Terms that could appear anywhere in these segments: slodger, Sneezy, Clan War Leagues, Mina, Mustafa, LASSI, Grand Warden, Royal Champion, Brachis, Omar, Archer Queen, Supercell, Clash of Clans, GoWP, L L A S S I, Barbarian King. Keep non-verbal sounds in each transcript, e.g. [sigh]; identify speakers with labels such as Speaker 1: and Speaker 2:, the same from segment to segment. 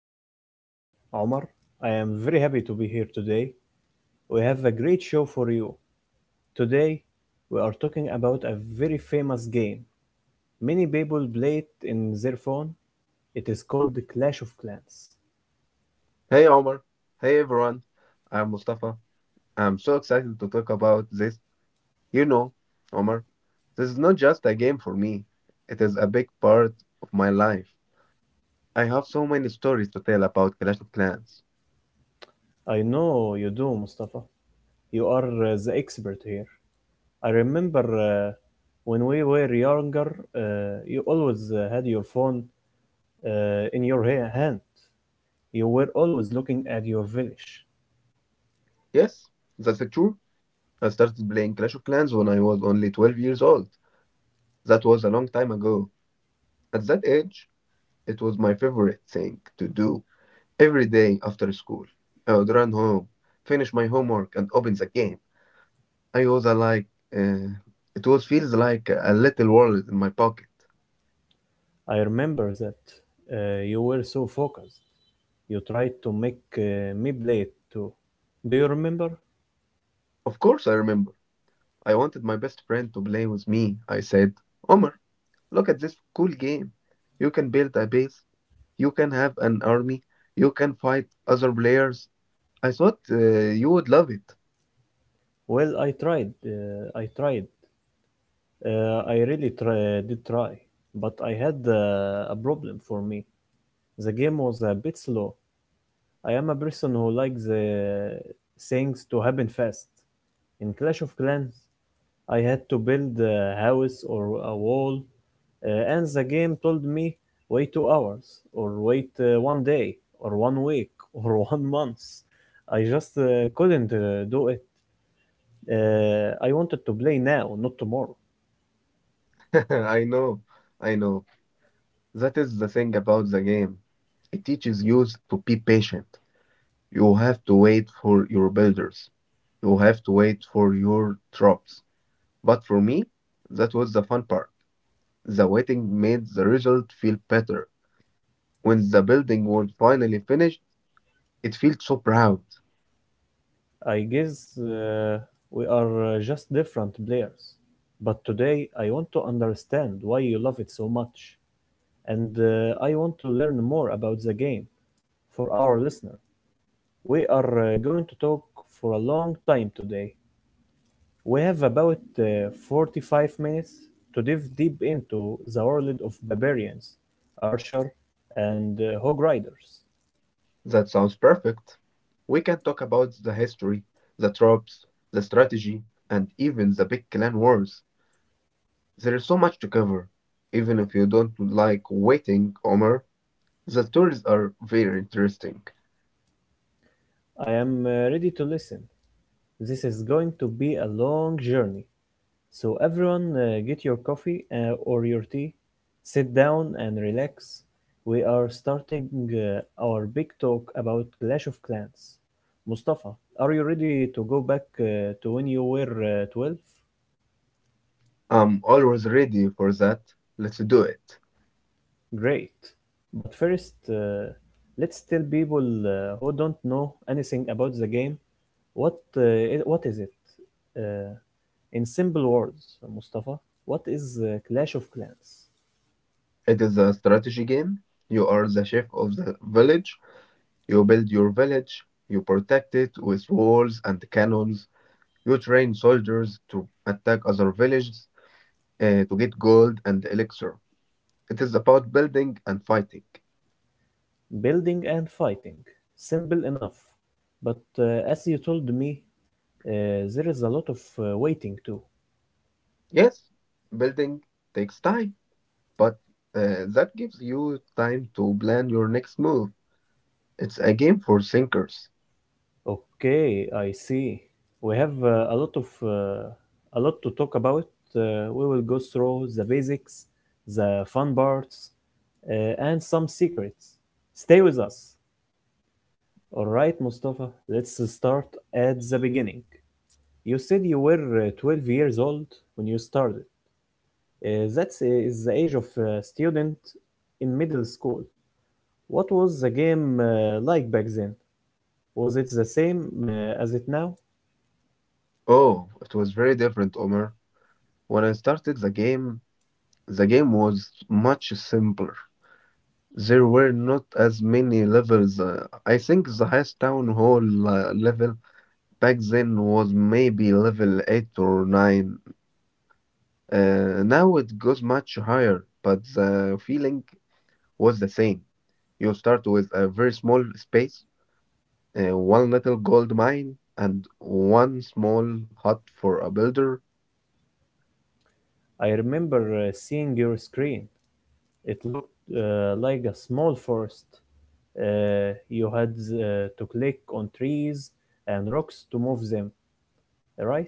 Speaker 1: I am your host, Omar. I am very happy to be here today. We have a great show for you. Today, we are talking about a very famous game. Many people play it in their phone. It is called the Clash of Clans.
Speaker 2: Hey Omar, hey everyone. I'm Mustafa. I'm so excited to talk about this. You know, Omar, this is not just a game for me. It is a big part of my life. I have so many stories to tell about Clash of Clans.
Speaker 1: I know you do, Mustafa. You are the expert here. I remember when we were younger, uh, you always had your phone in your hand. You were always looking at your village.
Speaker 2: Yes, that's true. I started playing Clash of Clans when I was only 12 years old. That was a long time ago. At that age, it was my favorite thing to do. Every day after school, I would run home, finish my homework, and open the game. I was like, uh, it was feels like a little world in my pocket.
Speaker 1: I remember that. You were so focused. You tried to make me play it too. Do you remember?
Speaker 2: Of course, I remember. I wanted my best friend to play with me. I said, Omar, look at this cool game. You can build a base, you can have an army, you can fight other players. I thought you would love it.
Speaker 1: Well, I tried. I tried. Uh, I really did try. But I had a problem for me. The game was a bit slow. I am a person who likes things to happen fast. In Clash of Clans, I had to build a house or a wall. And the game told me wait 2 hours, or wait one day, or one week [laughs] or one month. I just couldn't do it. I wanted to play now, not tomorrow.
Speaker 2: [laughs] I know, I know. That is the thing about the game. It teaches you to be patient. You have to wait for your builders. You have to wait for your troops. But for me, that was the fun part. The waiting made the result feel better. When the building was finally finished, it felt so proud.
Speaker 1: I guess uh, we are just different players. But today I want to understand why you love it so much. And I want to learn more about the game for our listener. We are going to talk for a long time today. We have about 45 minutes to dive deep into the world of barbarians, archer, and hog riders.
Speaker 2: That sounds perfect. We can talk about the history, the troops, the strategy, and even the big clan wars. There's so much to cover. Even if you don't like waiting, Omar, the stories are very interesting.
Speaker 1: I am ready to listen. This is going to be a long journey. So, everyone, get your coffee or your tea, sit down and relax. We are starting our big talk about Clash of Clans. Mustafa, are you ready to go back to when you were 12?
Speaker 2: I'm always ready for that. Let's do it.
Speaker 1: Great. But first, let's tell people who don't know anything about the game what is it? Uh, in simple words, Mustafa, what is Clash of Clans?
Speaker 2: It is a strategy game. You are the chef of the village. You build your village. You protect it with walls and cannons. You train soldiers to attack other villages to get gold and elixir. It is about building and fighting.
Speaker 1: Building and fighting. Simple enough. But as you told me, there is a lot of waiting too.
Speaker 2: Yes, building takes time, but that gives you time to plan your next move. It's a game for thinkers.
Speaker 1: Okay, I see. We have a lot of a lot to talk about. We will go through the basics, the fun parts, and some secrets. Stay with us. All right, Mustafa, let's start at the beginning. You said you were 12 years old when you started. That is the age of a student in middle school. What was the game like back then? Was it the same as it now?
Speaker 2: Oh, it was very different, Omer. When I started the game was much simpler. There were not as many levels. I think the highest town hall level back then was maybe level 8 or 9. Now it goes much higher, but the feeling was the same. You start with a very small space, one little gold mine, and one small hut for a builder.
Speaker 1: I remember seeing your screen. It looked like a small forest. You had to click on trees and rocks to move them, right?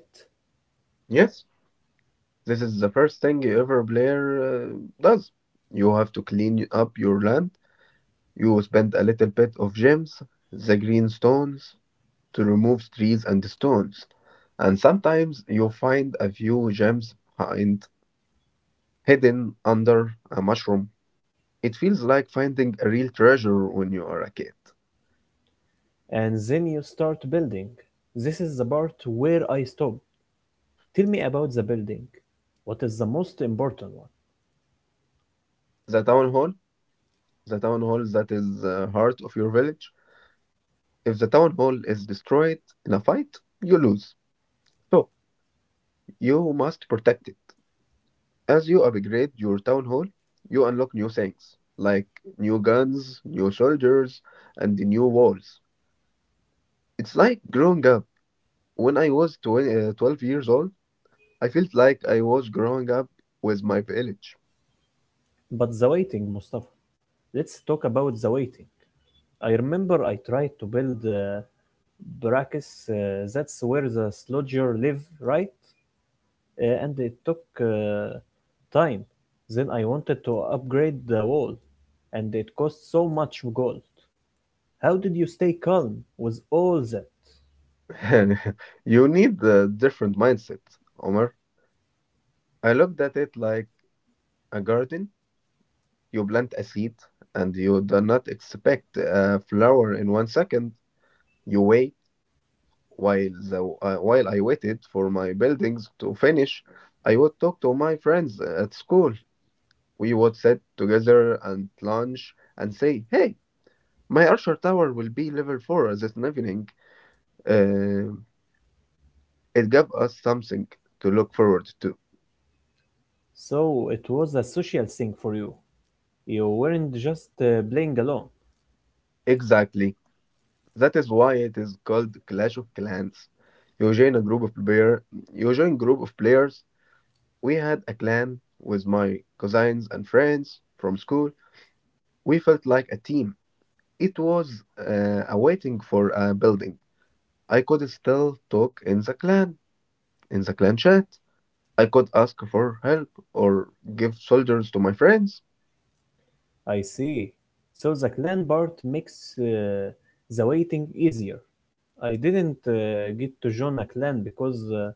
Speaker 2: Yes, this is the first thing every player does. You have to clean up your land. You spend a little bit of gems, the green stones, to remove trees and stones. And sometimes you find a few gems hidden under a mushroom. It feels like finding a real treasure when you are a kid.
Speaker 1: And then you start building. This is the part where I stop. Tell me about the building. What is the most important one?
Speaker 2: The town hall, the town hall, that is the heart of your village. If the town hall is destroyed in a fight, you lose. So, you must protect it. As you upgrade your town hall, you unlock new things, like new guns, new soldiers, and new walls. It's like growing up. When I was 12 years old, I felt like I was growing up with my village.
Speaker 1: But the waiting, Mustafa. Let's talk about the waiting. I remember I tried to build Brachis. That's where the slodger live, right? And it took time. Then I wanted to upgrade the wall, and it cost so much gold. How did you stay calm with all that?
Speaker 2: [laughs] You need a different mindset, Omar. I looked at it like a garden. You plant a seed, and you do not expect a flower in one second. You wait while I waited for my buildings to finish. I would talk to my friends at school. We would sit together and lunch and say, "Hey, my Archer Tower will be level four this evening." Uh, it gave us something to look forward to.
Speaker 1: So it was a social thing for you. You weren't just playing alone.
Speaker 2: Exactly. That is why it is called Clash of Clans. You join a group of player, you join group of players. We had a clan with my cousins and friends from school. We felt like a team. It was a waiting for a building. I could still talk in the clan chat. I could ask for help or give soldiers to my friends.
Speaker 1: I see. So the clan part makes the waiting easier. I didn't get to join a clan because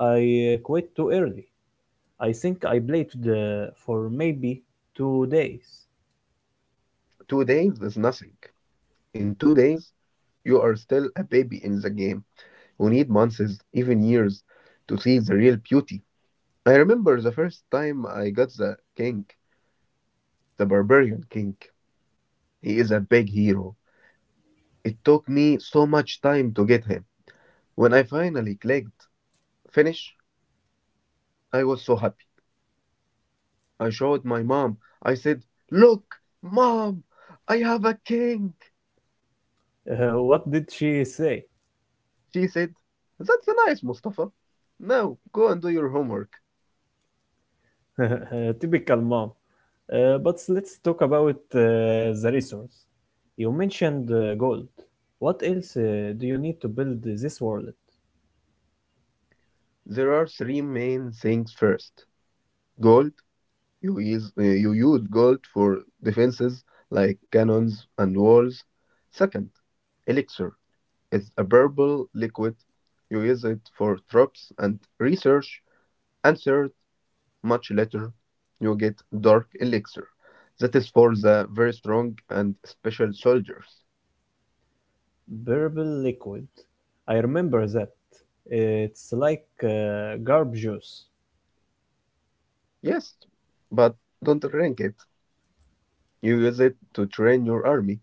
Speaker 1: I quit too early. I think I played for maybe 2 days.
Speaker 2: 2 days is nothing. In 2 days, you are still a baby in the game. You need months, even years, to see the real beauty. I remember the first time I got the king, the barbarian king. He is a big hero. It took me so much time to get him. When I finally clicked finish, I was so happy. I showed my mom. I said, "Look, mom, I have a king."
Speaker 1: What did she say? [laughs]
Speaker 2: She said, "That's nice, Mustafa. Now go and do your homework."
Speaker 1: Typical mom. But let's talk about the resource. You mentioned gold. What else do you need to build this wallet?
Speaker 2: There are three main things. First, gold. You use gold for defenses like cannons and walls. Second, elixir. It's a purple liquid. You use it for traps and research. And third, much later, you get Dark Elixir. That is for the very strong and special soldiers.
Speaker 1: Purple liquid. I remember that. It's like garb juice.
Speaker 2: Yes, but don't drink it. You use it to train your army.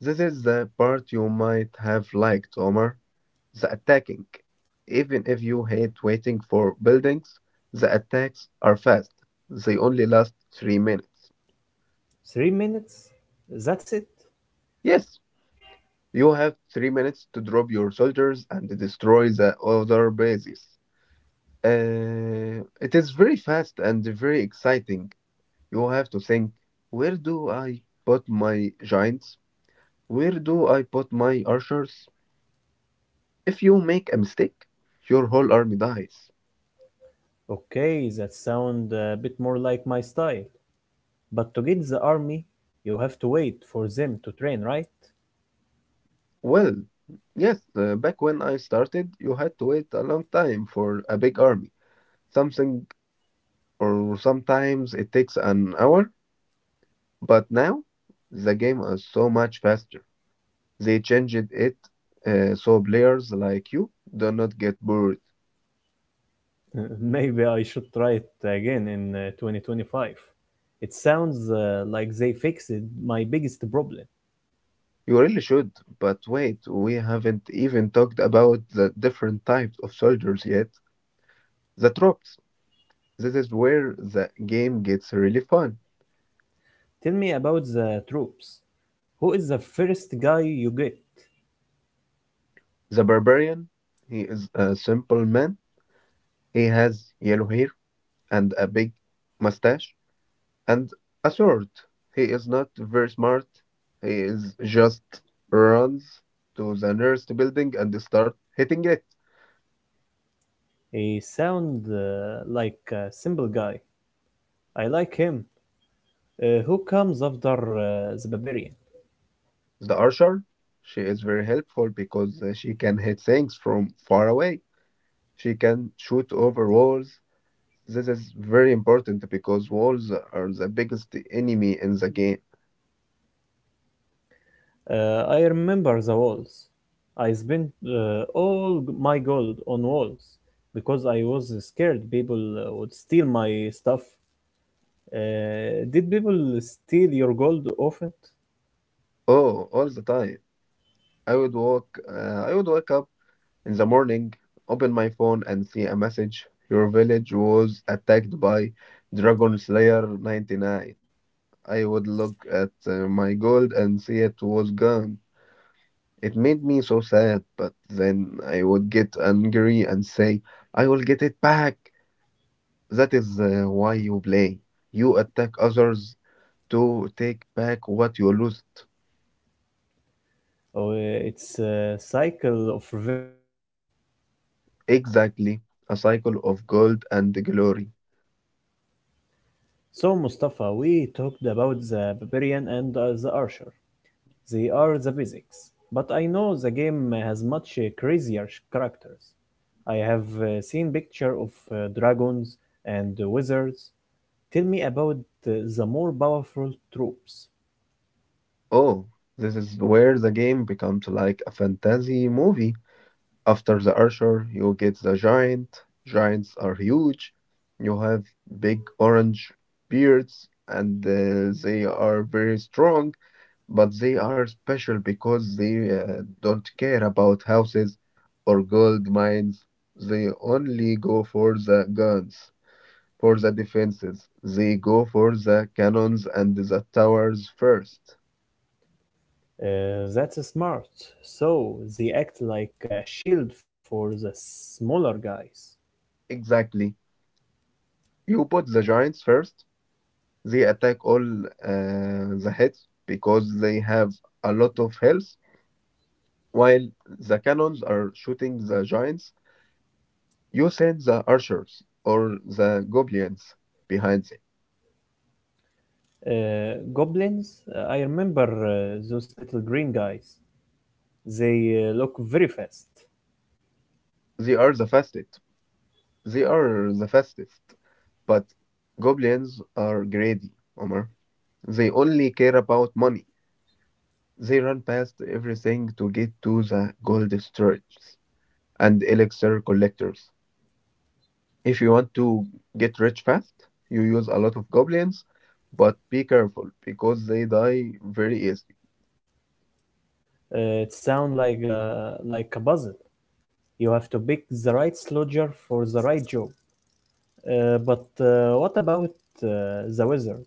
Speaker 2: This is the part you might have liked, Omar. The attacking. Even if you hate waiting for buildings, the attacks are fast. They only last 3 minutes.
Speaker 1: 3 minutes? That's it?
Speaker 2: Yes, you have 3 minutes to drop your soldiers and destroy the other bases. It is very fast and very exciting. You have to think, where do I put my giants? Where do I put my archers? If you make a mistake, your whole army dies.
Speaker 1: Okay, that sounds a bit more like my style. But to get the army, you have to wait for them to train, right?
Speaker 2: Well, yes, back when I started, you had to wait a long time for a big army. Something or Sometimes it takes an hour, but now the game is so much faster. They changed it so players like you do not get bored.
Speaker 1: Maybe I should try it again in 2025. It sounds like they fixed my biggest problem.
Speaker 2: You really should, but wait, we haven't even talked about the different types of soldiers yet. The troops. This is where the game gets really fun.
Speaker 1: Tell me about the troops. Who is the first guy you get?
Speaker 2: The barbarian, he is a simple man. He has yellow hair and a big mustache and a sword. He is not very smart. He is just runs to the nearest building and start hitting it.
Speaker 1: He sound like a simple guy. I like him. Who comes after the barbarian?
Speaker 2: The archer, she is very helpful because she can hit things from far away. She can shoot over walls. This is very important because walls are the biggest enemy in the game.
Speaker 1: I remember the walls. I spent my gold on walls because I was scared people would steal my stuff. Did people steal your gold often?
Speaker 2: Oh, all the time. I would walk. I would wake up in the morning, open my phone, and see a message. Your village was attacked by Dragon Slayer 99. I would look at my gold and see it was gone. It made me so sad, but then I would get angry and say, I will get it back. That is why you play. You attack others to take back what you lost.
Speaker 1: Or it's a cycle of revenge.
Speaker 2: Exactly. A cycle of gold and glory.
Speaker 1: So, Mustafa, we talked about the barbarian and the archer. They are the basics. But I know the game has much uh, crazier characters. I have seen picture of dragons and wizards. Tell me about the more powerful troops.
Speaker 2: Oh, this is where the game becomes like a fantasy movie. After the archer, you get the giant. Giants are huge. You have big orange beards, and they are very strong. But they are special because they don't care about houses or gold mines. They only go for the guns, for the defenses. They go for the cannons and the towers first.
Speaker 1: That's smart. So they act like a shield for the smaller guys.
Speaker 2: Exactly. You put the giants first. They attack all the heads because they have a lot of health. While the cannons are shooting the giants, you send the archers or the goblins behind.
Speaker 1: Goblins, I remember those little green guys. They look very fast.
Speaker 2: They are the fastest. They are the fastest. But goblins are greedy, Omar. They only care about money. They run past everything to get to the gold storage and elixir collectors. If you want to get rich fast, you use a lot of goblins, but be careful because they die very easily.
Speaker 1: It sounds like a puzzle. You have to pick the right soldier for the right job. But what about the wizard?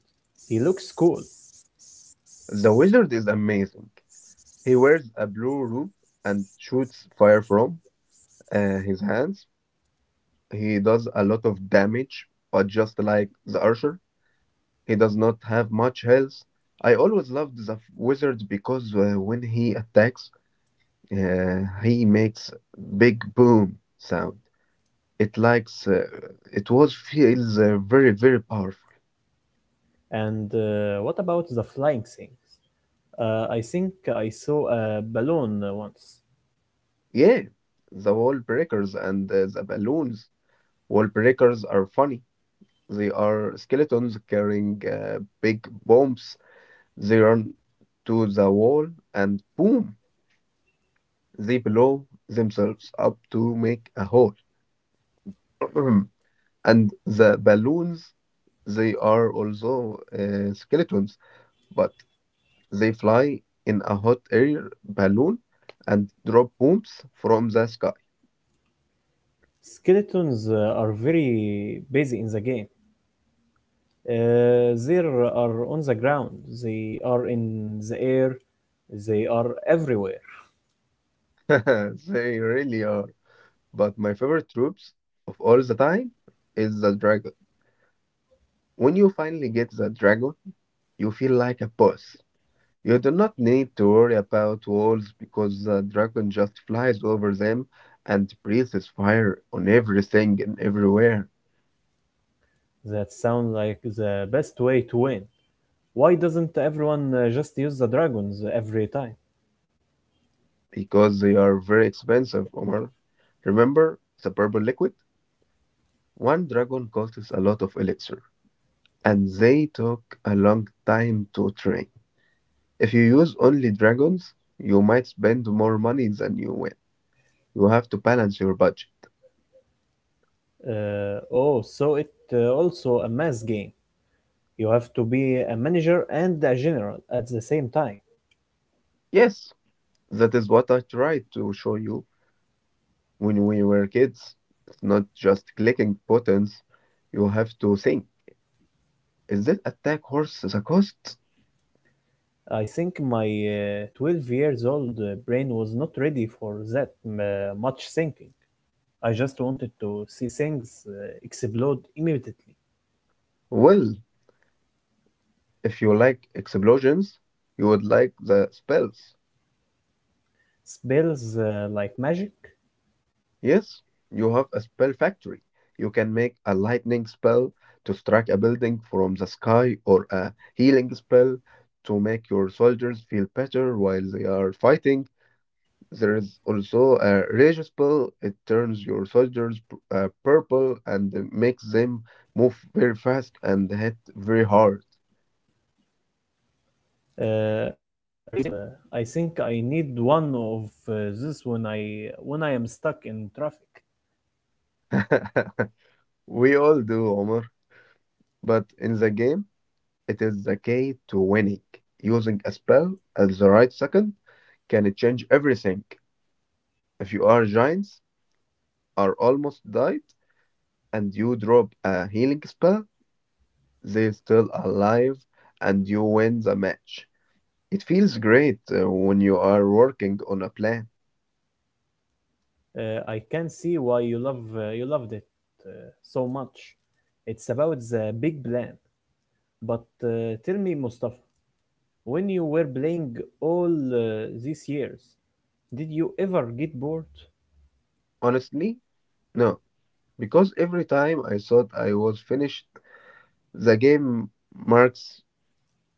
Speaker 1: He looks cool.
Speaker 2: The wizard is amazing. He wears a blue robe and shoots fire from his hands. He does a lot of damage, but just like the Archer, he does not have much health. I always loved the wizard because when he attacks, he makes big boom sound. It likes uh, it was feels very very powerful.
Speaker 1: And what about the flying things? I think I saw a balloon once.
Speaker 2: Yeah, the wall breakers and the balloons. Wall breakers are funny. They are skeletons carrying big bombs. They run to the wall and boom. They blow themselves up to make a hole. [clears throat] And the balloons, they are also skeletons, but they fly in a hot air balloon and drop bombs from the sky.
Speaker 1: Skeletons are very busy in the game. They are on the ground, they are in the air, they are everywhere.
Speaker 2: [laughs] They really are. But my favorite troops of all the time is the dragon. When you finally get the dragon, you feel like a boss. You do not need to worry about walls because the dragon just flies over them and breathes fire on everything and everywhere.
Speaker 1: That sounds like the best way to win. Why doesn't everyone just use the dragons every time?
Speaker 2: Because they are very expensive, Omar. Remember the purple liquid? One dragon costs a lot of elixir, and they took a long time to train. If you use only dragons, you might spend more money than you win. You have to balance your budget.
Speaker 1: Oh, so it also a mass game. You have to be a manager and a general at the same time.
Speaker 2: Yes, that is what I tried to show you when we were kids. It's not just clicking buttons. You have to think. Is this attack worth the cost?
Speaker 1: I think my 12 years old brain was not ready for that much thinking. I just wanted to see things explode immediately.
Speaker 2: Well, if you like explosions, you would like the spells.
Speaker 1: Spells like magic,
Speaker 2: Yes, you have a spell factory. You can make a lightning spell to strike a building from the sky or a healing spell to make your soldiers feel better while they are fighting. There is also a rage spell. It turns your soldiers purple and makes them move very fast and hit very hard.
Speaker 1: a rage spell. I think I need one of uh, this when I am stuck in traffic.
Speaker 2: [laughs] We all do, Omar. But in the game, it is the key to winning. Using a spell at the right second can change everything. If you are giants, are almost died, and you drop a healing spell, they still alive, and you win the match. It feels great when you are working on a plan.
Speaker 1: I can see why you loved it uh, so much. It's about the big plan. But tell me, Mustafa, when you were playing all these years, did you ever get bored?
Speaker 2: Honestly, no, because every time I thought I was finished, the game marks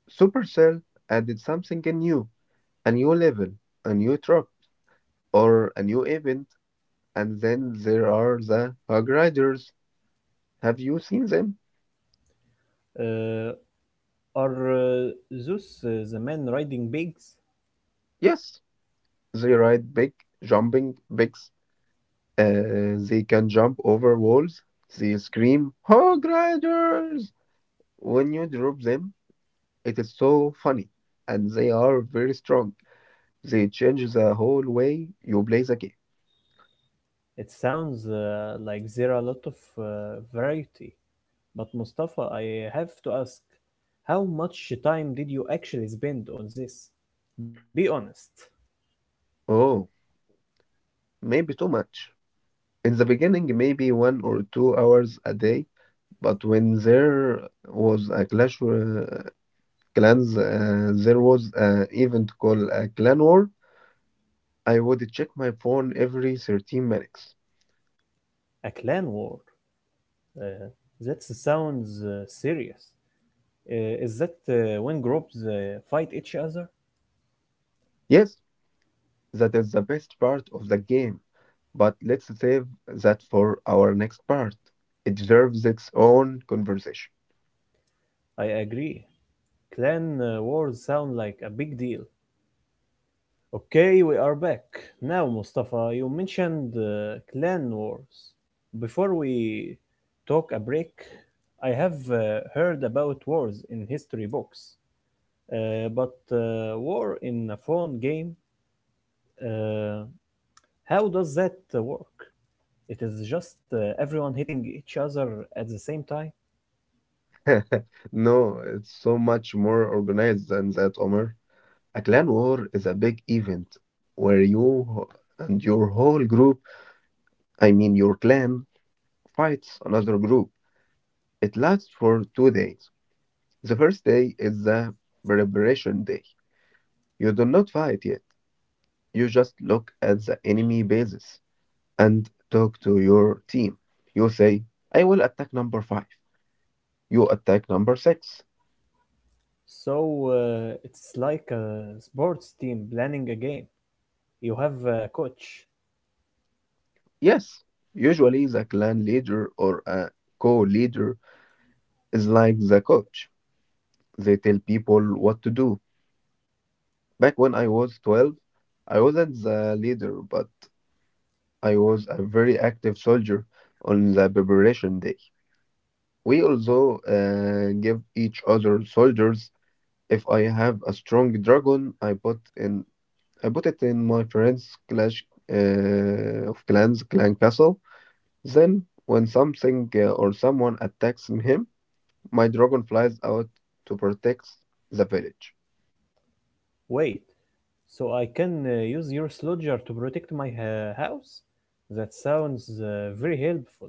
Speaker 2: Supercell added something new, a new level, a new truck, or a new event. And then there are the Hog Riders. Have you seen them?
Speaker 1: Uh, are those the men riding pigs?
Speaker 2: Yes, they ride big jumping bigs. They can jump over walls. They scream, Hog Riders, when you drop them. It is so funny, and they are very strong. They change the whole way you play the game.
Speaker 1: It sounds like there are a lot of uh, variety. But Mustafa, I have to ask, how much time did you actually spend on this? Be honest,
Speaker 2: Oh, maybe too much. In the beginning, maybe 1 or 2 hours a day, but when there was a Clash Clans, there was an event called a Clan War. I would check my phone every 13 minutes.
Speaker 1: a clan war. Uh, that sounds serious. Is that when groups fight each other?
Speaker 2: Yes, that is the best part of the game, but let's save that for our next part. It deserves its own conversation.
Speaker 1: I agree. Clan wars sound like a big deal. Okay, we are back. Now, Mustafa, you mentioned clan wars. Before we talk a break, I have heard about wars in history books. But war in a phone game, uh, how does that work? It is just everyone hitting each other at the same time.
Speaker 2: [laughs] No, it's so much more organized than that, Omar. A clan war is a big event where you and your whole group, I mean your clan, fights another group. It lasts for 2 days. The first day is the preparation day. You do not fight yet. You just look at the enemy bases and talk to your team. You say, I will attack number five. You attack number six.
Speaker 1: So it's like a sports team planning a game. You have a coach.
Speaker 2: Yes, usually the clan leader or a co-leader is like the coach. They tell people what to do. Back when I was 12, I wasn't the leader, but I was a very active soldier on the preparation day. We also give each other soldiers. If I have a strong dragon, I put it in my friend's Clash of Clans clan castle. Then when something or someone attacks him, my dragon flies out to protect the village.
Speaker 1: Wait, so I can use your slodger to protect my house? That sounds very helpful.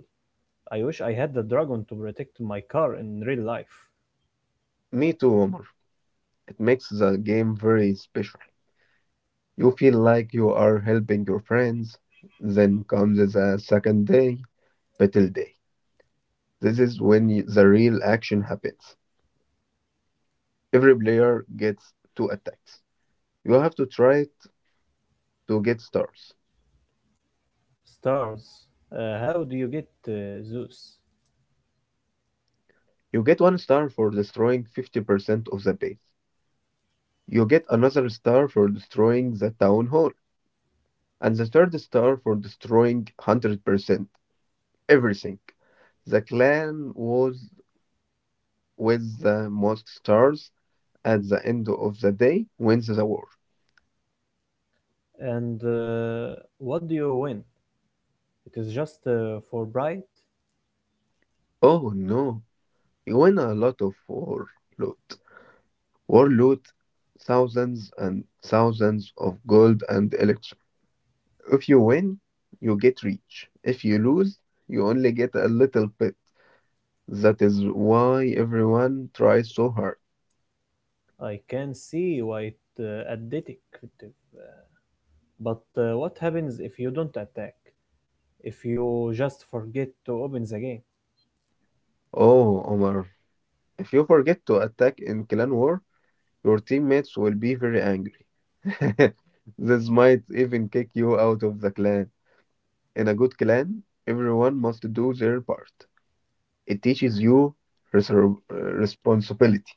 Speaker 1: I wish I had the dragon to protect my car in real life.
Speaker 2: Me too, Omar. It makes the game very special. You feel like you are helping your friends. Then comes the second day, Battle Day. This is when the real action happens. Every player gets two attacks. You have to try it to get stars.
Speaker 1: Stars, how do you get Zeus?
Speaker 2: You get one star for destroying 50% of the base. You get another star for destroying the town hall, and the third star for destroying 100%, everything. The clan was with the most stars at the end of the day wins the war.
Speaker 1: And what do you win? It is just for bright.
Speaker 2: Oh no, you win a lot of war loot. War loot, thousands and thousands of gold and elixir. If you win, you get rich. If you lose, you only get a little bit. That is why everyone tries so hard.
Speaker 1: I can see white addictive. But what happens if you don't attack? If you just forget to open the game?
Speaker 2: Oh, Omar, if you forget to attack in clan war, your teammates will be very angry. [laughs] This might even kick you out of the clan. In a good clan, everyone must do their part. It teaches you responsibility.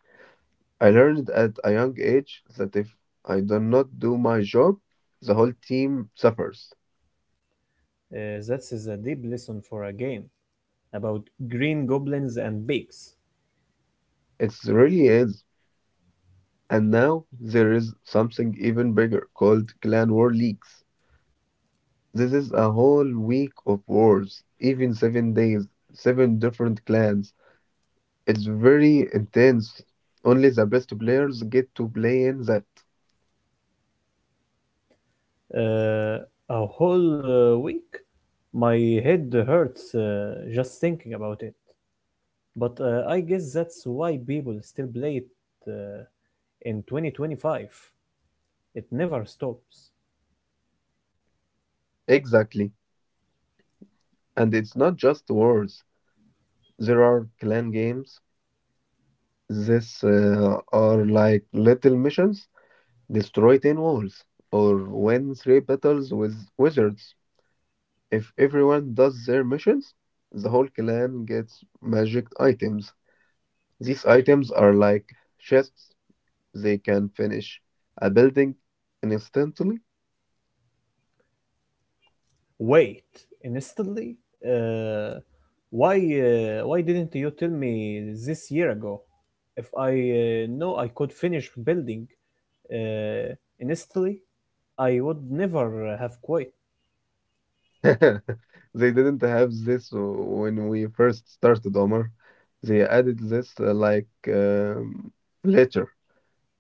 Speaker 2: I learned at a young age that if I do not do my job, the whole team suffers.
Speaker 1: That is a deep lesson for a game about green goblins and pigs.
Speaker 2: It really is. And now there is something even bigger called Clan War Leagues. This is a whole week of wars, even 7 days, seven different clans. It's very intense. Only the best players get to play in that.
Speaker 1: Uh, a whole week? My head hurts just thinking about it. But I guess that's why people still play it uh, in 2025. It never stops.
Speaker 2: Exactly. And it's not just wars. There are clan games. This are like little missions. Destroy 10 walls or win 3 battles with wizards. If everyone does their missions, the whole clan gets magic items. These items are like chests. They can finish a building instantly.
Speaker 1: Wait, instantly? Uh, why why didn't you tell me this year ago? If I know I could finish building uh, instantly, I would never have quit.
Speaker 2: [laughs] They didn't have this when we first started, Omar. They added this like later.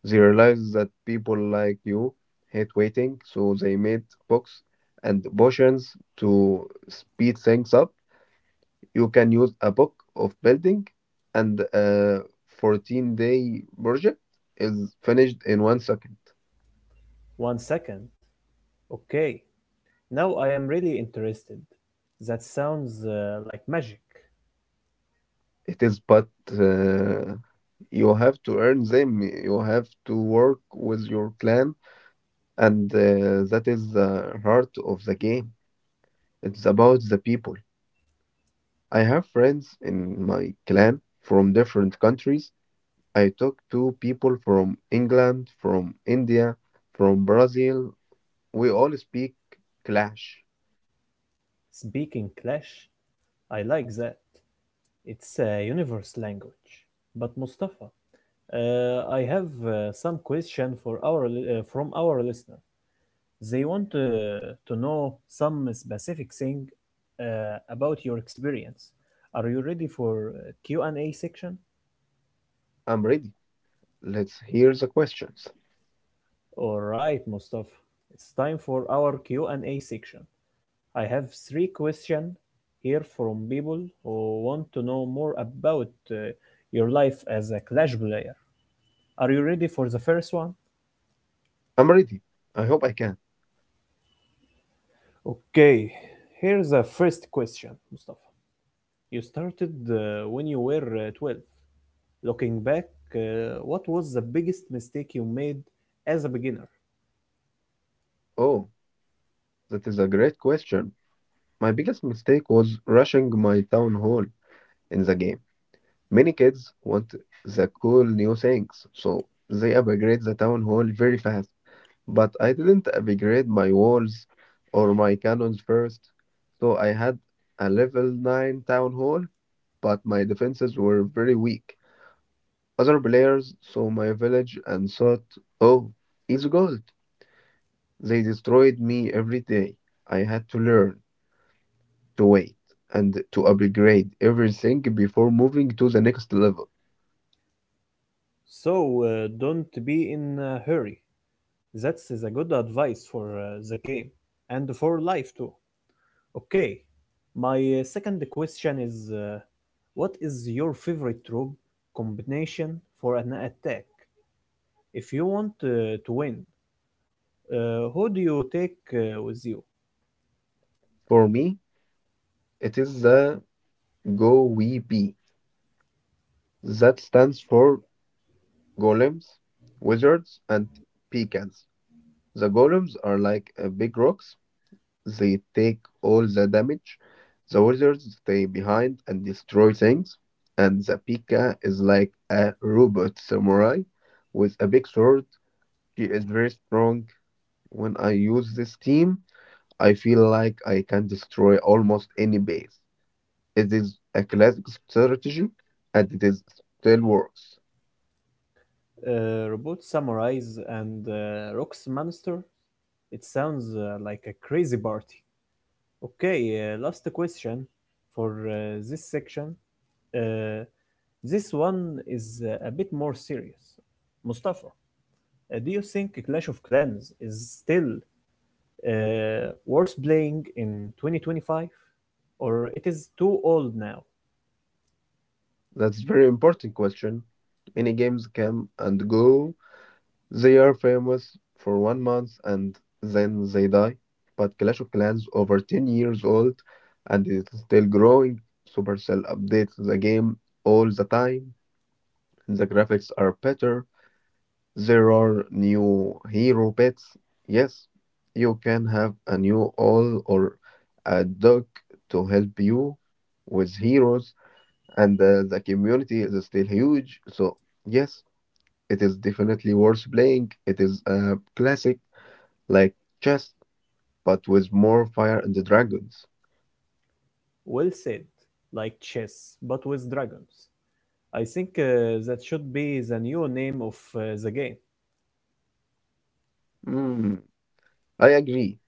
Speaker 2: They realized that people like you hate waiting, so they made books and potions to speed things up. You can use a book of building, and a 14-day project is finished in 1 second.
Speaker 1: One second. Okay, now I am really interested. That sounds like magic.
Speaker 2: It is, but you have to earn them. You have to work with your clan, and that is the heart of the game. It's about the people. I have friends in my clan from different countries. I talk to people from England, from India, from Brazil. We all speak Clash.
Speaker 1: Speaking clash, I like that. It's a universe language. But Mustafa, I have uh, some question from our listener. They want to know some specific thing about your experience. Are you ready for Q&A section?
Speaker 2: I'm ready. Let's hear the questions.
Speaker 1: All right, Mustafa. It's time for our Q&A section. I have three questions here from people who want to know more about your life as a Clash player. Are you ready for the first one?
Speaker 2: I'm ready. I hope I can.
Speaker 1: Okay, here's the first question, Mustafa. You started when you were 12. Looking back, what was the biggest mistake you made as a beginner?
Speaker 2: Oh, that is a great question. My biggest mistake was rushing my town hall in the game. Many kids want the cool new things, so they upgrade the town hall very fast. But I didn't upgrade my walls or my cannons first, so I had a level 9 town hall, but my defenses were very weak. Other players saw my village and thought, oh, it's gold. They destroyed me every day. I had to learn to wait and to upgrade everything before moving to the next level.
Speaker 1: So don't be in a hurry. That's is a good advice for the game and for life too. Okay, my second question is what is your favorite troop combination for an attack? If you want to win, who do you take with you?
Speaker 2: For me, it is the GoWP that stands for golems, wizards, and pecans. The golems are like big rocks, they take all the damage. The wizards stay behind and destroy things. And the Pika is like a robot samurai with a big sword. She is very strong. When I use this team, I feel like I can destroy almost any base. It is a classic strategy and it is still works.
Speaker 1: Robot samurais and rocks monster, it sounds like a crazy party. Okay, last question for this section. uh, this one is a bit more serious, Mustafa. Do you think Clash of Clans is still worth playing in 2025, or it is too old now?
Speaker 2: That's a very important question. Many games come and go. They are famous for 1 month and then they die. But Clash of Clans over 10 years old and it is still growing. Supercell updates the game all the time. The graphics are better. There are new hero pets. Yes, you can have a new owl or a dog to help you with heroes, and the community is still huge. So, yes, it is definitely worth playing. It is a classic like chess, but with more fire and dragons.
Speaker 1: Well said. Like chess but with dragons. I think that should be the new name of the game.
Speaker 2: Hmm, I agree.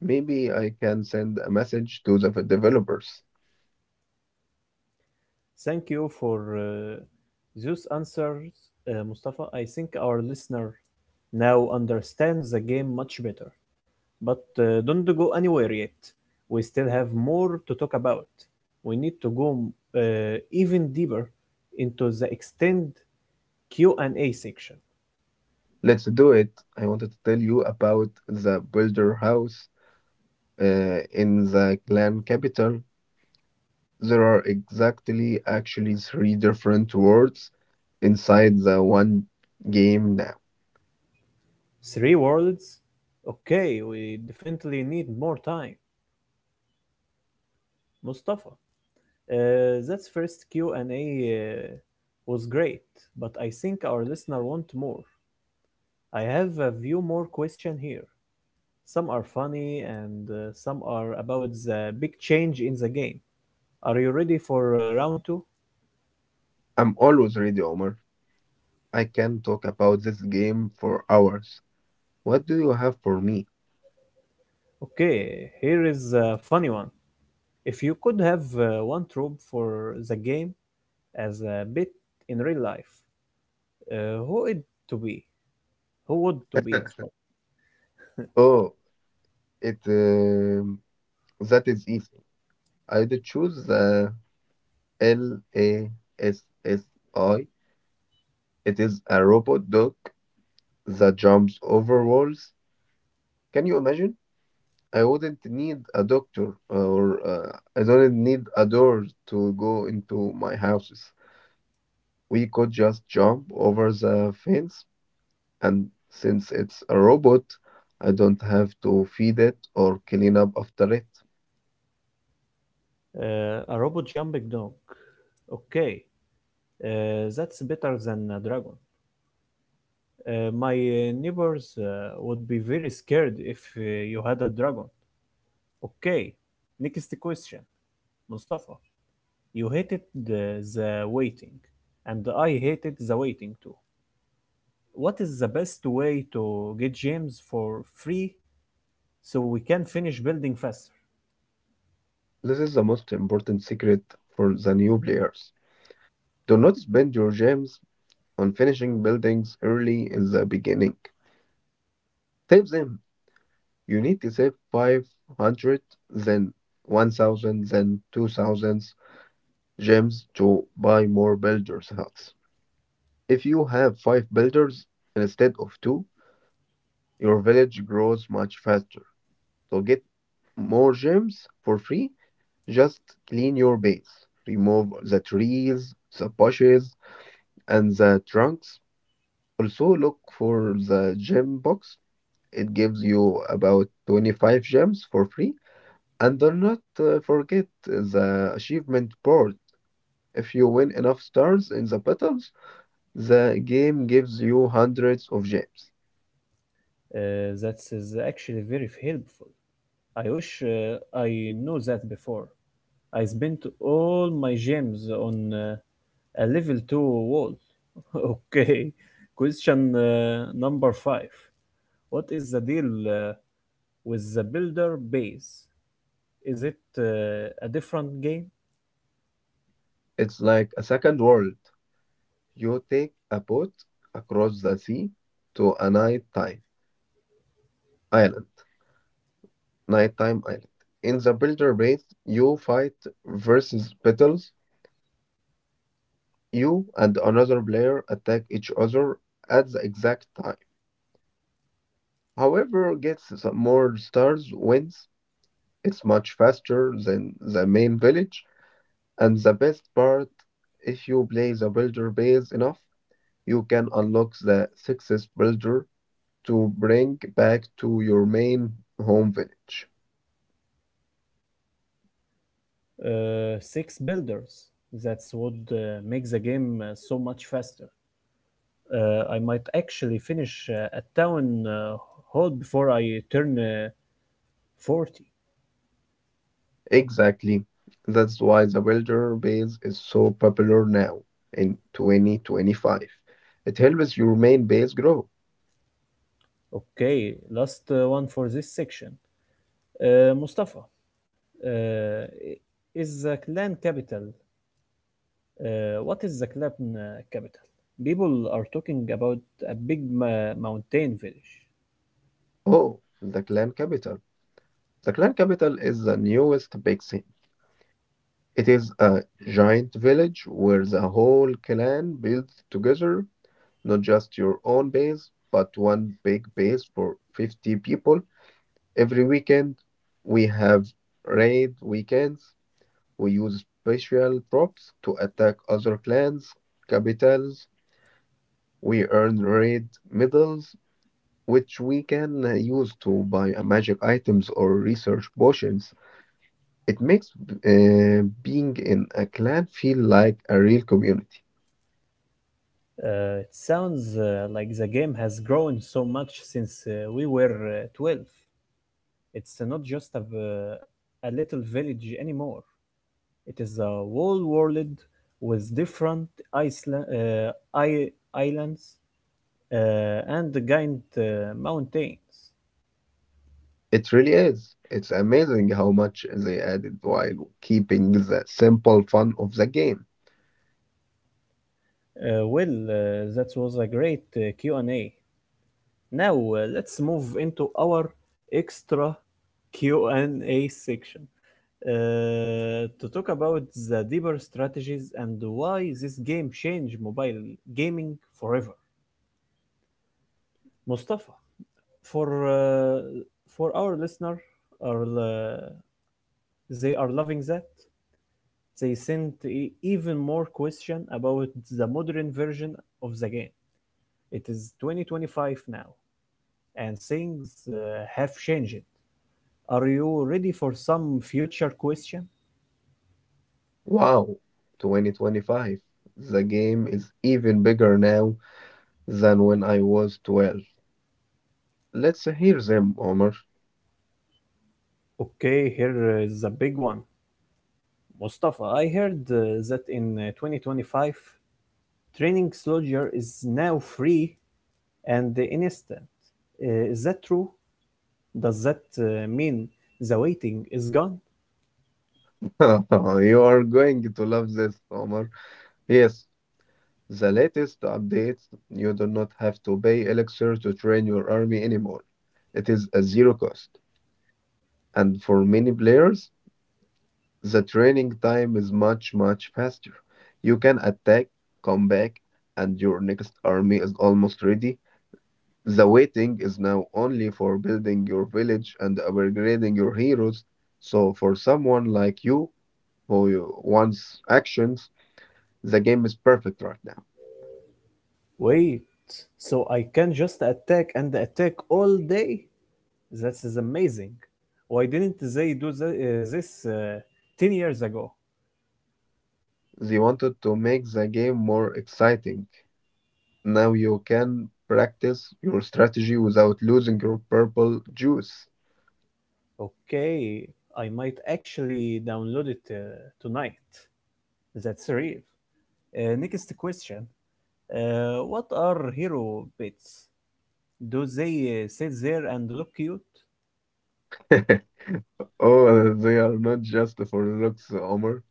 Speaker 2: Maybe I can send a message to the developers.
Speaker 1: Thank you for those answers, Mustafa. I think our listener now understands the game much better. But don't go anywhere yet. We still have more to talk about. We need to go even deeper into the extended Q and A section.
Speaker 2: Let's do it. I wanted to tell you about the builder house. In the clan capital, there are exactly actually three different words inside the one game now.
Speaker 1: Three words? Okay, we definitely need more time. Mustafa, uh, that first Q&A was great, but I think our listener want more. I have a few more questions here. Some are funny and some are about the big change in the game. Are you ready for round two?
Speaker 2: I'm always ready, Omar. I can talk about this game for hours. What do you have for me?
Speaker 1: Okay, here is a funny one. If you could have one trope for the game as a bit in real life, who it to be? Who would to be? So,
Speaker 2: Oh, it that is easy. I did choose the LASSI. It is a robot dog that jumps over walls. Can you imagine? I wouldn't need a doctor or I don't need a door to go into my houses. We could just jump over the fence, and since it's a robot, I don't have to feed it or clean up after it.
Speaker 1: a robot jumping dog. Okay, that's better than a dragon. My neighbors would be very scared if you had a dragon. Okay, next question. Mustafa, you hated the waiting, and I hated the waiting too. What is the best way to get James for free so we can finish building faster?
Speaker 2: This is the most important secret for the new players. Do not spend your gems on finishing buildings early in the beginning. Save them. You need to save 500, then 1,000, then 2,000 gems to buy more builders' huts. If you have five builders instead of two, your village grows much faster. So get more gems for free. Just clean your base, remove the trees, the bushes, and the trunks. Also, look for the gem box. It gives you about 25 gems for free. And do not forget the achievement board. If you win enough stars in the battles, the game gives you hundreds of gems.
Speaker 1: That is actually very helpful. I wish I knew that before. I spent all my gems on a level 2 wall. [laughs] Okay, question number 5. What is the deal with the builder base? Is it a different game?
Speaker 2: It's like a second world. You take a boat across the sea to a nighttime island. Nighttime island. In the builder base, you fight versus battles. You and another player attack each other at the exact time. However gets the more stars wins. It's much faster than the main village. And the best part, if you play the builder base enough, you can unlock the sixth builder to bring back to your main home village.
Speaker 1: Six builders. That's what makes the game so much faster. I might actually finish a town hall before I turn 40.
Speaker 2: Exactly. That's why the builder base is so popular now in 2025. It helps your main base grow.
Speaker 1: Okay, last one for this section. Mustafa, uh, is the clan capital? What is the clan capital? People are talking about a big mountain village.
Speaker 2: Oh, the clan capital. The clan capital is the newest big thing. It is a giant village where the whole clan builds together, not just your own base, but one big base for 50 people. Every weekend, we have raid weekends. We use special troops to attack other clans, capitals. We earn raid medals, which we can use to buy magic items or research potions. It makes being in a clan feel like a real community.
Speaker 1: It sounds like the game has grown so much since we were 12. It's not just a a little village anymore. It is a whole world with different isla- uh, I- islands and giant mountains.
Speaker 2: It really is. It's amazing how much they added while keeping the simple fun of the game.
Speaker 1: Well, that was a great Q&A. Now let's move into our extra Q&A section, to talk about the deeper strategies and why this game changed mobile gaming forever. Mustafa, for uh, for our listener, are they are loving that. They sent even more question about the modern version of the game. It is 2025 now, and things have changed. Are you ready for some future question?
Speaker 2: Wow, 2025. The game is even bigger now than when I was 12. Let's hear them, Omar.
Speaker 1: Okay, here is a big one. Mustafa, I heard that in 2025, training soldier is now free and instant. Is that true? Does that mean the waiting is gone?
Speaker 2: [laughs] You are going to love this, Omar. Yes, the latest updates. You do not have to pay Elixir to train your army anymore. It is a zero cost. And for many players, the training time is much, much faster. You can attack, come back, and your next army is almost ready. The waiting is now only for building your village and upgrading your heroes. So for someone like you, who wants actions, the game is perfect right now.
Speaker 1: Wait, so I can just attack and attack all day? That is amazing. Why didn't they do this 10 years ago?
Speaker 2: They wanted to make the game more exciting. Now you can practice your strategy without losing your purple juice.
Speaker 1: Okay, I might actually download it tonight. That's real. Next question. What are hero pets? Do they sit there and look cute?
Speaker 2: [laughs] Oh, they are not just for looks, Omar.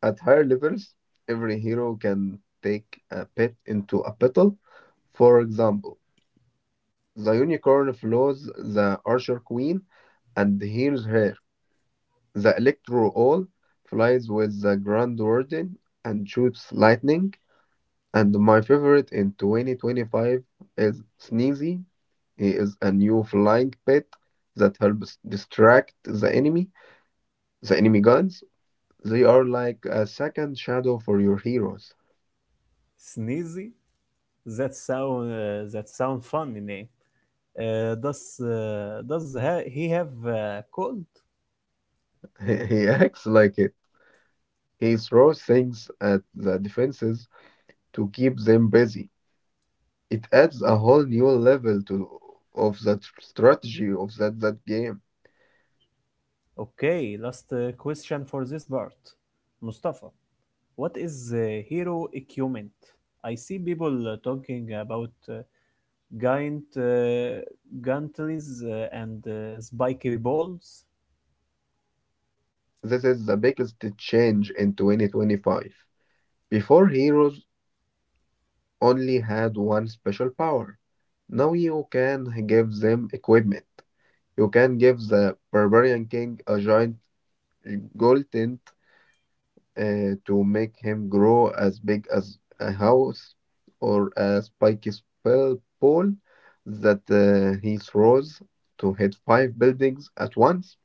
Speaker 2: At higher levels, every hero can take a pet into a battle. For example, the unicorn flows the archer queen and heals her. The electro owl flies with the grand warden and shoots lightning. And my favorite in 2025 is Sneezy. He is a new flying pet that helps distract the enemy guns. They are like a second shadow for your heroes.
Speaker 1: Sneezy? That sound funny name. Does he have cold?
Speaker 2: [laughs] He acts like it. He throws things at the defenses to keep them busy. It adds a whole new level to of that strategy of that game.
Speaker 1: Okay, last question for this part. Mustafa, what is hero equipment? I see people talking about giant gantries and spiky balls.
Speaker 2: This is the biggest change in 2025. Before heroes only had one special power. Now you can give them equipment. You can give the barbarian king a giant golden to make him grow as big as a house, or a spiky spell pole that he throws to hit five buildings at once.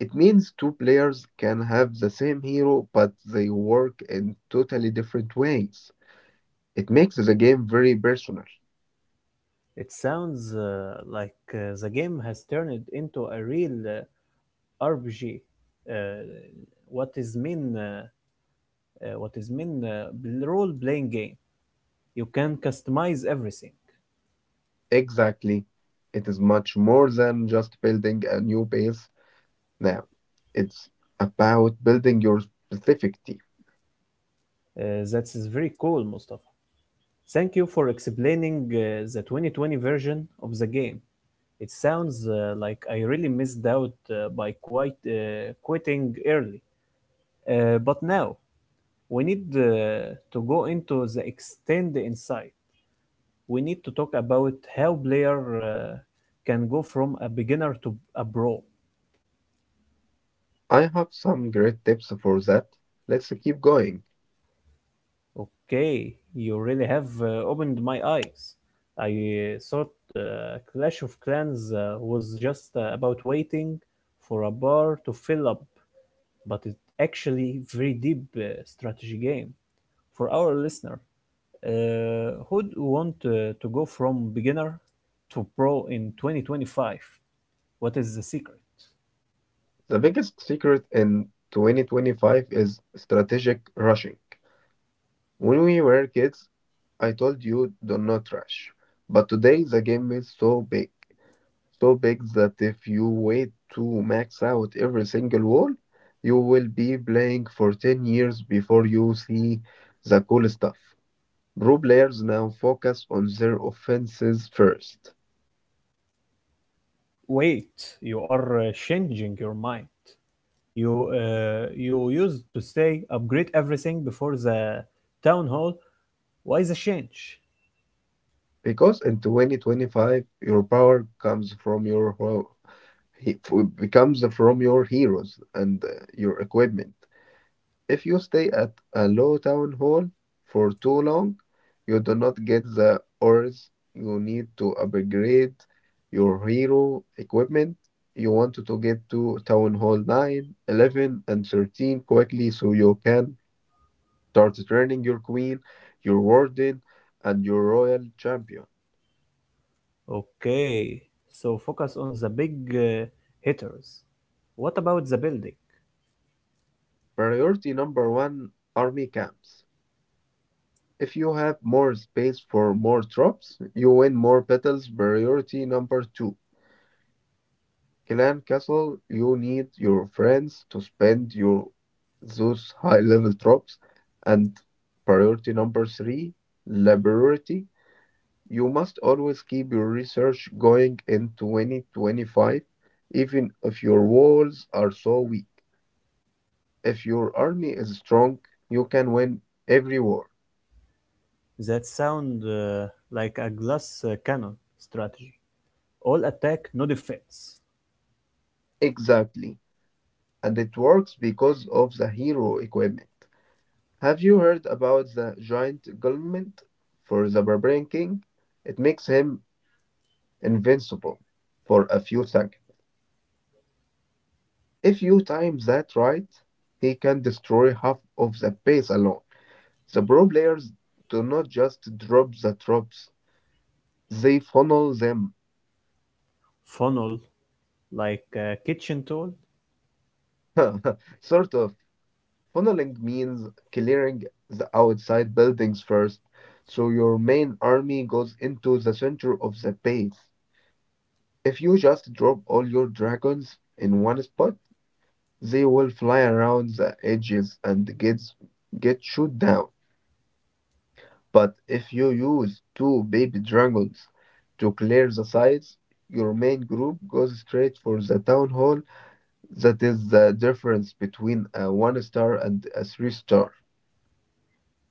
Speaker 2: It means two players can have the same hero, but they work in totally different ways. It makes the game very personal.
Speaker 1: It sounds like the game has turned into a real RPG. Uh, what is mean? Uh, uh, what is mean? Role-playing game. You can customize everything.
Speaker 2: Exactly. It is much more than just building a new base now. It's about building your specific team.
Speaker 1: That is very cool, Mustafa. Thank you for explaining the 2020 version of the game. It sounds like I really missed out by quite quitting early. But now we need to go into the extend inside. We need to talk about how player can go from a beginner to a pro.
Speaker 2: I have some great tips for that. Let's keep going.
Speaker 1: Okay, you really have opened my eyes. I thought Clash of Clans was just about waiting for a bar to fill up, but it's actually very deep strategy game. For our listener, who want to go from beginner to pro in 2025? What is the secret?
Speaker 2: The biggest secret in 2025 is strategic rushing. When we were kids, I told you do not rush. But today the game is so big, so big that if you wait to max out every single wall, you will be playing for 10 years before you see the cool stuff. Pro players now focus on their offenses first.
Speaker 1: Wait, you are changing your mind. You used to say upgrade everything before the town hall. Why the change?
Speaker 2: Because in 2025, your power comes from your becomes from your heroes and your equipment. If you stay at a low town hall for too long, you do not get the ores you need to upgrade your hero equipment. You want to get to town hall 9, 11, and 13 quickly so you can start training your queen, your warden, and your royal champion.
Speaker 1: Okay, so focus on the big hitters. What about the building?
Speaker 2: Priority number one, army camps. If you have more space for more troops, you win more battles. Priority number two, Clan Castle, you need your friends to spend your those high level drops. And priority number three, laboratory. You must always keep your research going in 2025, even if your walls are so weak. If your army is strong, you can win every war.
Speaker 1: That sound like a glass cannon strategy. All attack, no defense.
Speaker 2: Exactly. And it works because of the hero equipment. Have you heard about the giant gullet for the Barbarian King? It makes him invincible for a few seconds. If you time that right, he can destroy half of the base alone. The pro players do not just drop the troops, they funnel them.
Speaker 1: Funnel like a kitchen tool.
Speaker 2: [laughs] Sort of. Funneling means clearing the outside buildings first, so your main army goes into the center of the base. If you just drop all your dragons in one spot, they will fly around the edges and get shot down. But if you use two baby dragons to clear the sides, your main group goes straight for the town hall. That is the difference between a one star and a three star.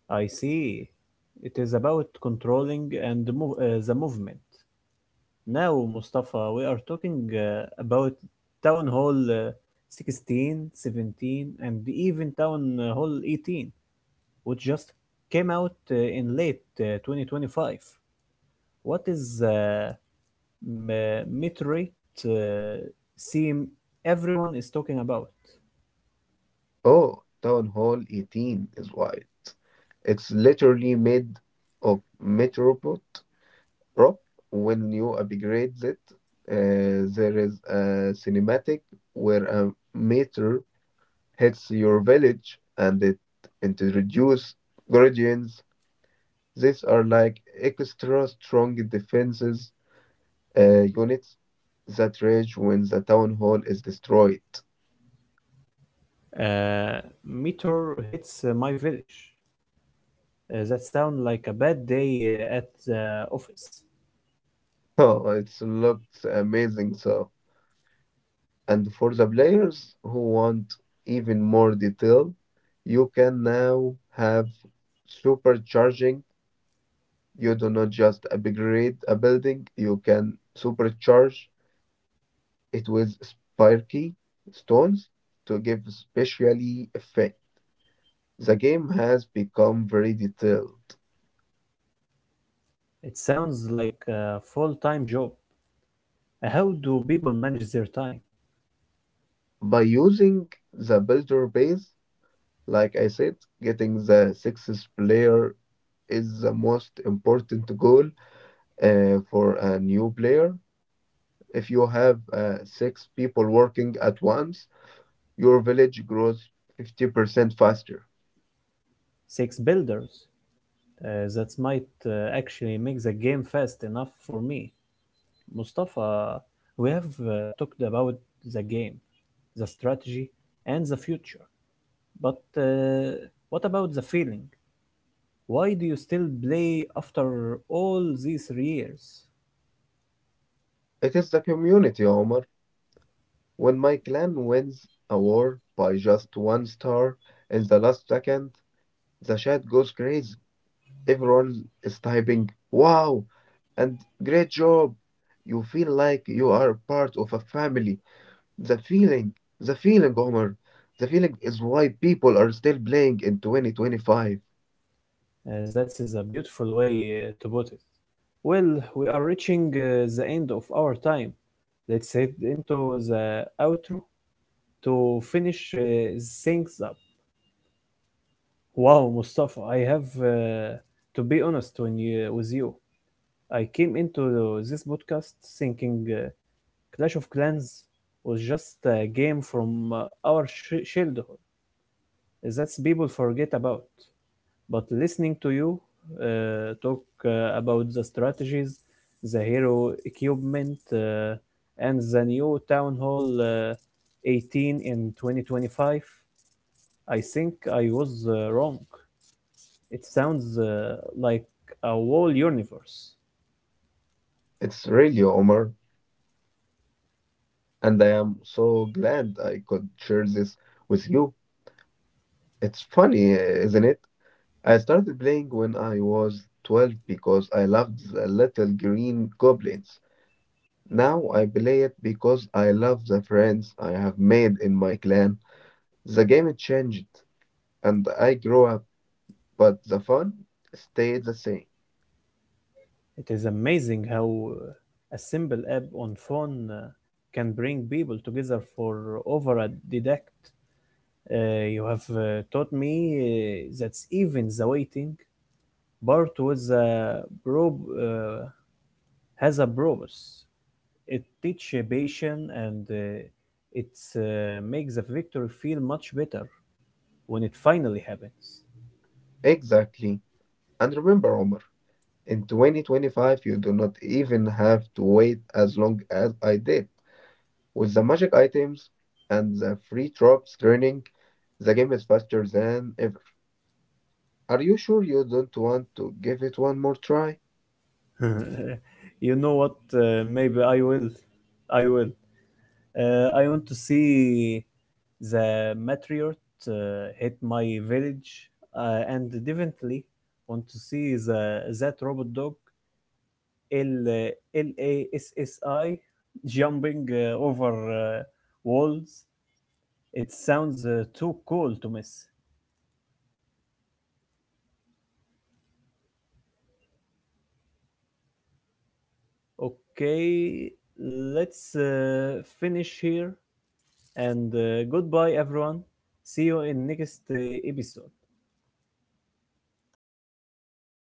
Speaker 1: I see. It is about controlling and the movement. Now, Mustafa, we are talking about Town Hall 16, 17, and even Town Hall 18, which just came out in late 2025. What is meteorite uh, theme everyone is talking about?
Speaker 2: Oh, town hall 18 is why. It's literally made of metropot. Rock, when you upgrade it, there is a cinematic where a meteor hits your village and it introduces guardians. These are like extra strong defenses units that rage when the town hall is destroyed. [laughs]
Speaker 1: Uh, Meteor hits my village. That sounds like a bad day at the office.
Speaker 2: Oh, it looks amazing, so. And for the players who want even more detail, you can now have supercharging. You do not just upgrade a building, you can supercharge it with sparky stones to give specially effect. The game has become very detailed.
Speaker 1: It sounds like a full-time job. How do people manage their time?
Speaker 2: By using the builder base, like I said, getting the sixth player is the most important goal for a new player. If you have six people working at once, your village grows 50% faster.
Speaker 1: Six builders. That might actually make the game fast enough for me. Mustafa, we have talked about the game, the strategy, and the future. But what about the feeling? Why do you still play after all these years?
Speaker 2: It is the community, Omar. When my clan wins a war by just one star in the last second, the chat goes crazy. Everyone is typing, wow, and great job. You feel like you are part of a family. The feeling, Omar, the feeling is why people are still playing in 2025.
Speaker 1: That is a beautiful way to put it. Well, we are reaching the end of our time. Let's head into the outro to finish things up. Wow, Mustafa, I have to be honest with you. I came into this podcast thinking Clash of Clans was just a game from our childhood that people forget about. But listening to you talk about the strategies, the hero equipment, and the new Town Hall 18 in 2025, I think I was wrong. It sounds like a whole universe.
Speaker 2: It's really, Omar, and I am so glad I could share this with you. It's funny, isn't it? I started playing when I was 12 because I loved the little green goblins. Now I play it because I love the friends I have made in my clan. The game changed and I grew up, but the fun stayed the same.
Speaker 1: It is amazing how a simple app on phone can bring people together for over a decade. You have taught me that even the waiting part was a prob has a purpose. It teaches patience and it makes the victory feel much better when it finally happens.
Speaker 2: Exactly. And remember, Omar, in 2025, you do not even have to wait as long as I did. With the magic items and the free drops training, the game is faster than ever. Are you sure you don't want to give it one more try?
Speaker 1: [laughs] You know what? Maybe I will. I will. I want to see the meteor hit my village, and definitely want to see the that robot dog LLASSI jumping over walls. It sounds too cool to miss. Okay, let's finish here and goodbye, everyone. See you in next episode.